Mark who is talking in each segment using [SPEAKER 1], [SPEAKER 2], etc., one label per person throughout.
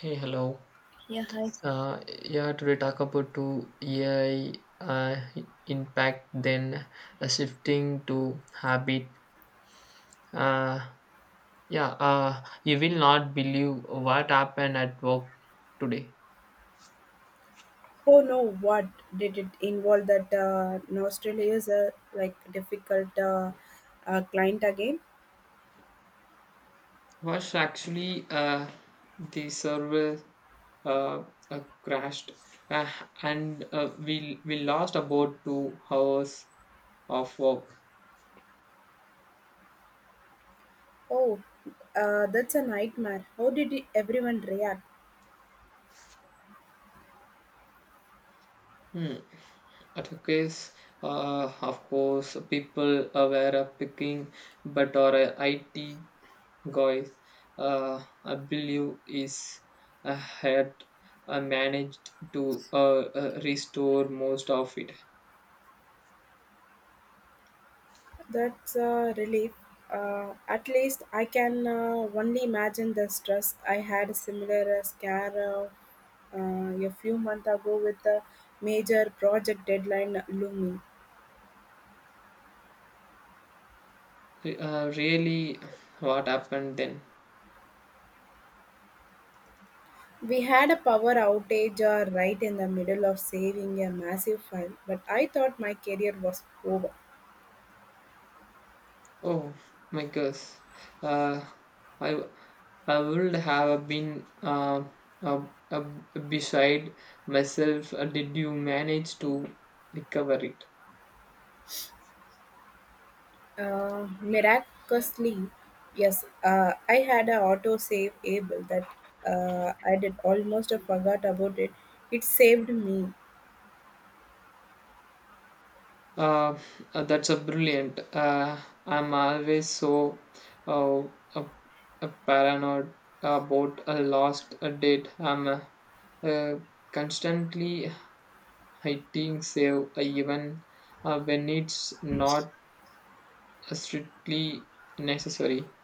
[SPEAKER 1] Hey, hello.
[SPEAKER 2] Yeah, hi.
[SPEAKER 1] Uh, yeah, today talk about to AI uh, impact, then shifting to habit. Uh, yeah, you will not believe what happened at work today.
[SPEAKER 2] Oh no, what did it involve that Australia is a like difficult client again?
[SPEAKER 1] Was actually the server uh, crashed, uh, and we lost about 2 hours of work.
[SPEAKER 2] Oh, that's a nightmare. How everyone react?
[SPEAKER 1] Hmm. At a case, of course, people were picking, but our IT guys, I believe, is had managed to restore most of it.
[SPEAKER 2] That's a relief. At least I can only imagine the stress. I had a similar scare a few months ago with a major project deadline looming.
[SPEAKER 1] Really, what happened then?
[SPEAKER 2] We had a power outage right in the middle of saving a massive file, but I thought my career was over.
[SPEAKER 1] Oh my gosh, uh, I I would have been uh, uh, beside myself. Did you manage to recover it?
[SPEAKER 2] Miraculously, yes, I had an autosave able that I did almost forgot about it. It saved me.
[SPEAKER 1] Uh, that's a brilliant. I'm always so uh, uh, paranoid about a lost date. I'm uh, constantly hitting save even when it's not strictly necessary.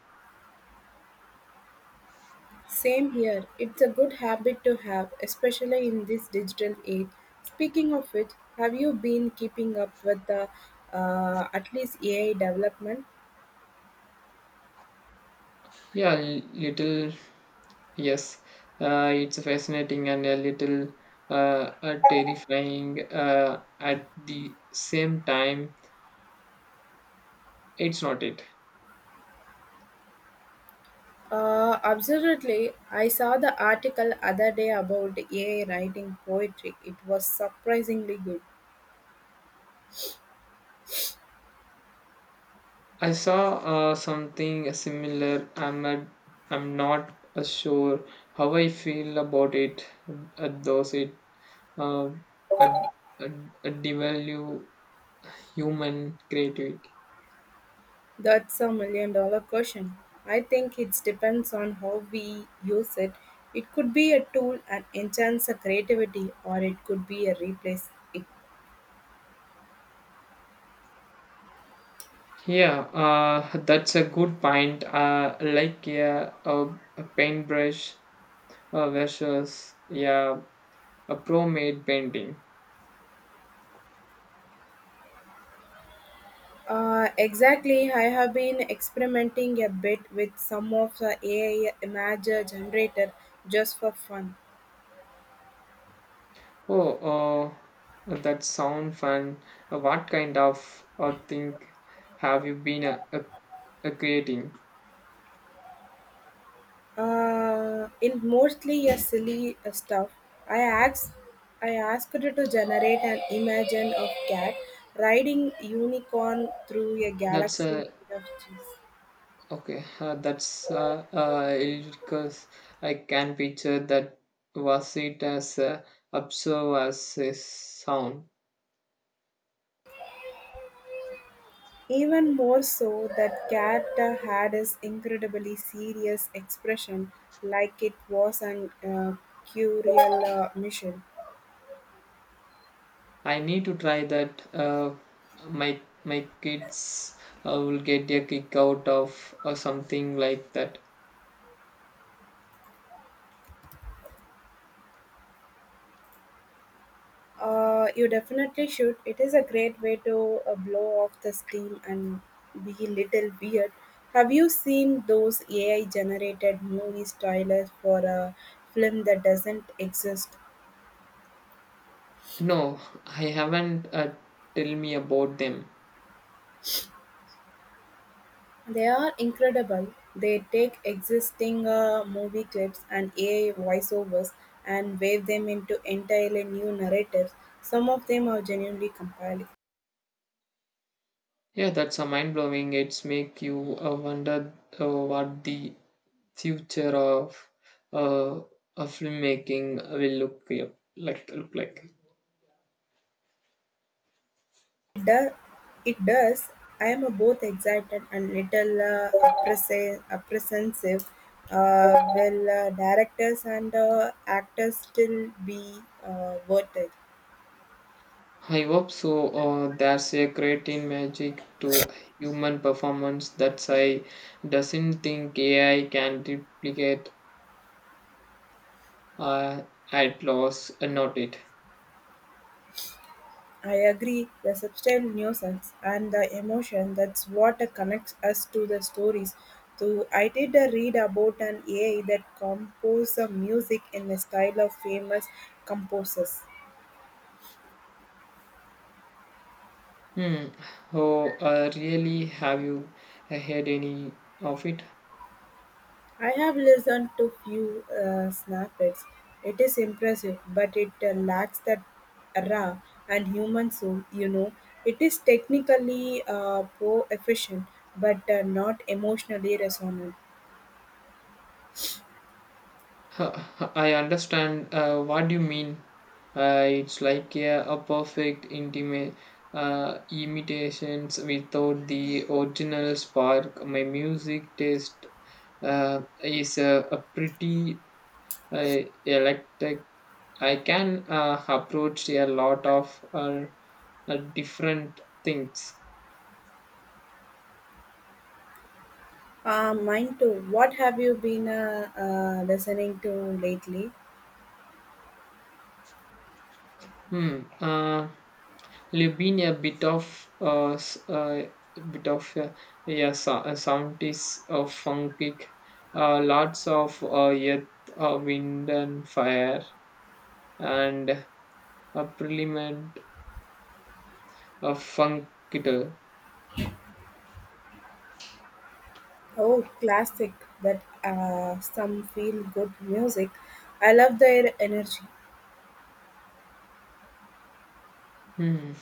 [SPEAKER 2] Same here. It's a good habit to have, especially in this digital age. Speaking of which, have you been keeping up with the at least AI development?
[SPEAKER 1] Yeah, little yes. It's fascinating and a little terrifying at the same time. It's not it.
[SPEAKER 2] Absolutely. I saw the article other day about AI writing poetry. It was surprisingly good.
[SPEAKER 1] I saw something similar. I'm not sure how I feel about it. Does it uh, uh, uh, devalue human creativity?
[SPEAKER 2] That's a million dollar question. I think it depends on how we use it. It could be a tool and enhance the creativity, or it could be a replace it.
[SPEAKER 1] Yeah, that's a good point. Like yeah, a paintbrush versus yeah, a pro-made painting.
[SPEAKER 2] Exactly. I have been experimenting a bit with some of the AI image generator just for fun.
[SPEAKER 1] Oh, that sound fun. What kind of thing have you been creating?
[SPEAKER 2] In mostly a silly stuff. I asked, I asked it to generate an image of cat riding unicorn through a
[SPEAKER 1] That's
[SPEAKER 2] galaxy made of cheese.
[SPEAKER 1] okay. That's because I can picture that was it as absurd as a sound.
[SPEAKER 2] Even more so, that cat had his incredibly serious expression, like it was an curial mission.
[SPEAKER 1] I need to try that. My kids will get a kick out of something like that.
[SPEAKER 2] You definitely should. It is a great way to blow off the steam and be a little weird. Have you seen those AI generated movie trailers for a film that doesn't exist?
[SPEAKER 1] No, I haven't. Tell me about them.
[SPEAKER 2] They are incredible. They take existing movie clips and AI voiceovers and wave them into entirely new narratives. Some of them are genuinely compelling.
[SPEAKER 1] Yeah, that's a mind blowing. It's make you wonder what the future uh, of filmmaking will look look like.
[SPEAKER 2] It does. It does. I am both excited and little apprehensive. Will directors and actors still be worth it?
[SPEAKER 1] I hope so. There's a great in magic to human performance that I doesn't think AI can duplicate. Uh, at loss, not it.
[SPEAKER 2] I agree. The subtle nuisance and the emotion, that's what connects us to the stories. So I did read about an AI that composed the music in the style of famous composers.
[SPEAKER 1] Hmm. Oh, really? Have you had any of it?
[SPEAKER 2] I have listened to few snippets. It is impressive, but it lacks that raw and human soul. You know, it is technically poor efficient, but not emotionally resonant.
[SPEAKER 1] Huh, I understand what you mean. It's like a perfect intimate imitations without the original spark. My music taste is a pretty uh, electric. I can approach a lot of different things.
[SPEAKER 2] Mine too. What have you been listening to lately?
[SPEAKER 1] Hmm. You've been a bit of bit of yeah, so, a soundist of funky, lots of earth, wind and fire, and a preliment of funk guitar.
[SPEAKER 2] Oh, classic! That some feel good music. I love their energy.
[SPEAKER 1] Hmm.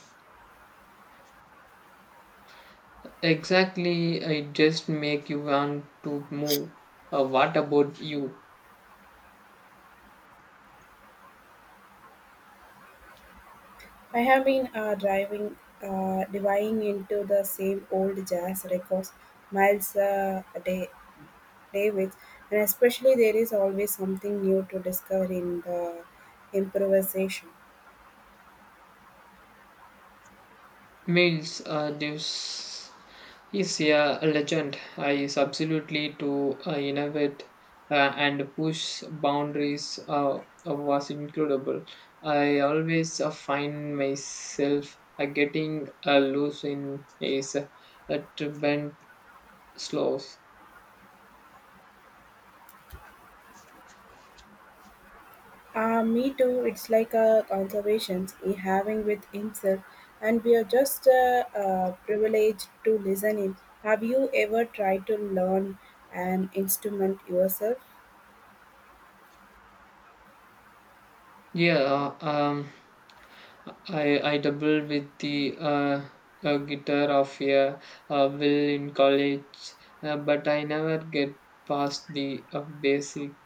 [SPEAKER 1] Exactly, I just make you want to move. What about you?
[SPEAKER 2] I have been diving into the same old jazz records, Miles Davis, and especially there is always something new to discover in the improvisation.
[SPEAKER 1] Miles Davis is a legend. He is absolutely to innovate and push boundaries was incredible. I always find myself getting loose in his bent slows.
[SPEAKER 2] Me too. It's like a conversation he having with himself, and we are just privileged to listen in. Have you ever tried to learn an instrument yourself?
[SPEAKER 1] Yeah, I doubled with the guitar of a will in college, but I never get past the basic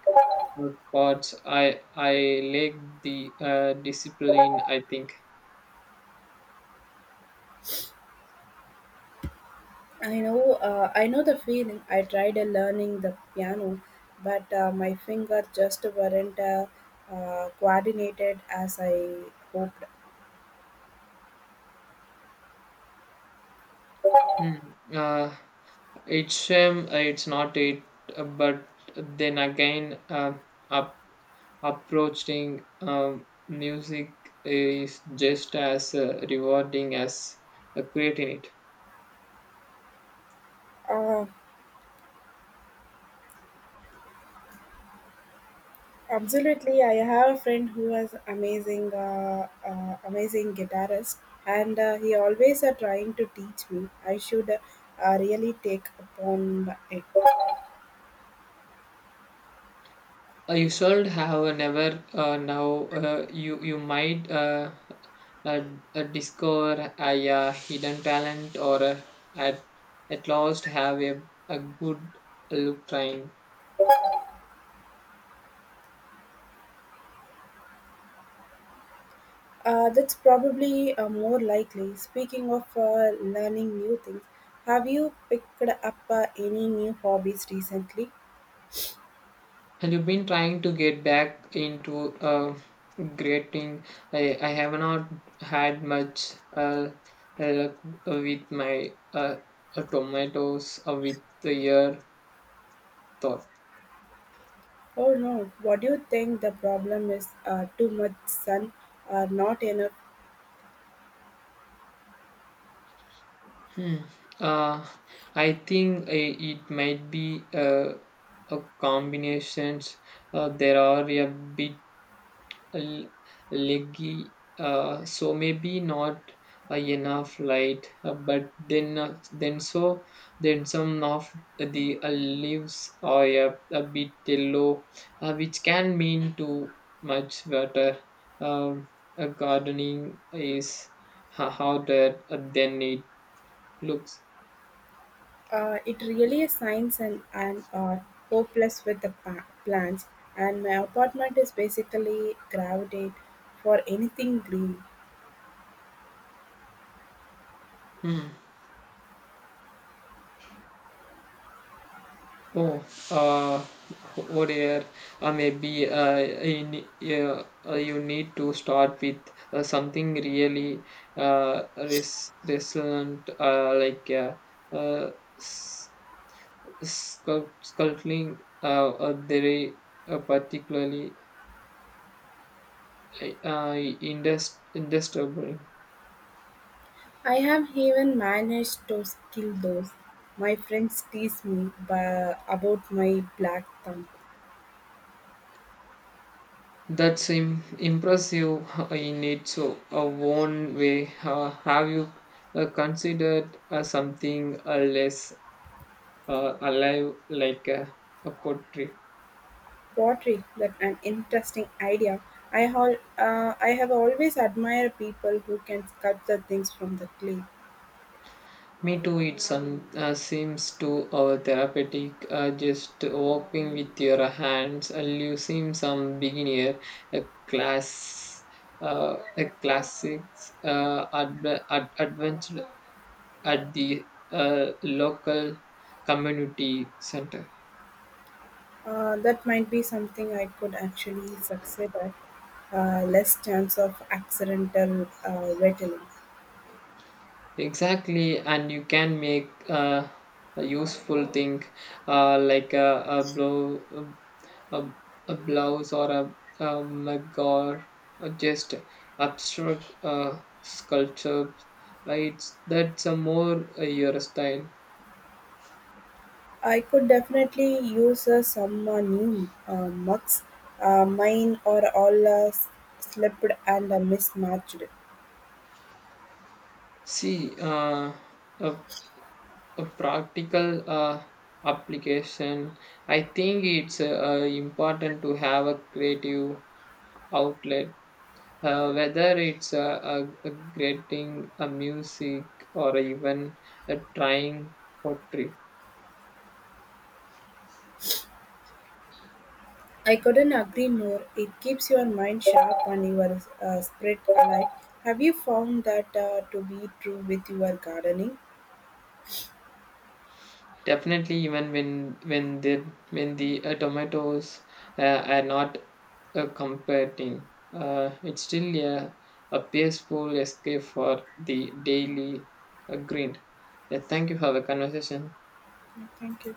[SPEAKER 1] chords. I lack the discipline. I think.
[SPEAKER 2] I know the feeling. I tried learning the piano, but my fingers just weren't coordinated as I hoped.
[SPEAKER 1] Hmm. uh, it's shame it's not it, but then again, up, approaching music is just as rewarding as creating it.
[SPEAKER 2] Uh, Absolutely, I have a friend who has amazing guitarist, and he always are trying to teach me. I should really take upon it.
[SPEAKER 1] You should have never now you might uh, discover a hidden talent or at at last have a good look trying.
[SPEAKER 2] That's probably more likely. Speaking of learning new things, have you picked up any new hobbies recently?
[SPEAKER 1] And you've been trying to get back into creating. I have not had much luck with my tomatoes with the year thought.
[SPEAKER 2] Oh no, what do you think the problem is? Too much sun or not enough?
[SPEAKER 1] Hmm. Uh, I think I it might be a combinations. There are a bit l- leggy, so maybe not enough light. But then so then some of the leaves are a bit yellow, which can mean too much water. Um, gardening is harder than it looks.
[SPEAKER 2] It really is science and, hopeless with the plants, and my apartment is basically gravitate for anything green.
[SPEAKER 1] Hmm. Oh, uh, oh dear. Maybe yeah, you need to start with something really resilient, like uh, s- sculpting. Very particularly like, indestable.
[SPEAKER 2] I have even managed to kill those. My friends tease me about my black thumb.
[SPEAKER 1] That's im impressive in its a own way. Have you considered something less alive like a portrait.
[SPEAKER 2] Pottery, that's an interesting idea. I have always admired people who can sculpt the things from the clay.
[SPEAKER 1] Me too, it some, seems to our therapeutic. Just walking with your hands, you seem some beginner, a class, a classics, advanced at the local community center.
[SPEAKER 2] That might be something I could actually succeed at. Less chance of accidental rattling.
[SPEAKER 1] Exactly, and you can make a useful thing like a, a blouse or a mug or just abstract sculpture. It's That's a more your style.
[SPEAKER 2] I could definitely use some new mugs. Mine are all slipped and mismatched.
[SPEAKER 1] See, a, a practical application. I think it's important to have a creative outlet whether it's a creating a music or even a trying pottery.
[SPEAKER 2] I couldn't agree more. It keeps your mind sharp and your spirit alive. Have you found that to be true with your gardening?
[SPEAKER 1] Definitely, even when the when the tomatoes uh, are not competing, it's still a peaceful escape for the daily grind. Yeah, thank you for the conversation.
[SPEAKER 2] Yeah, thank you.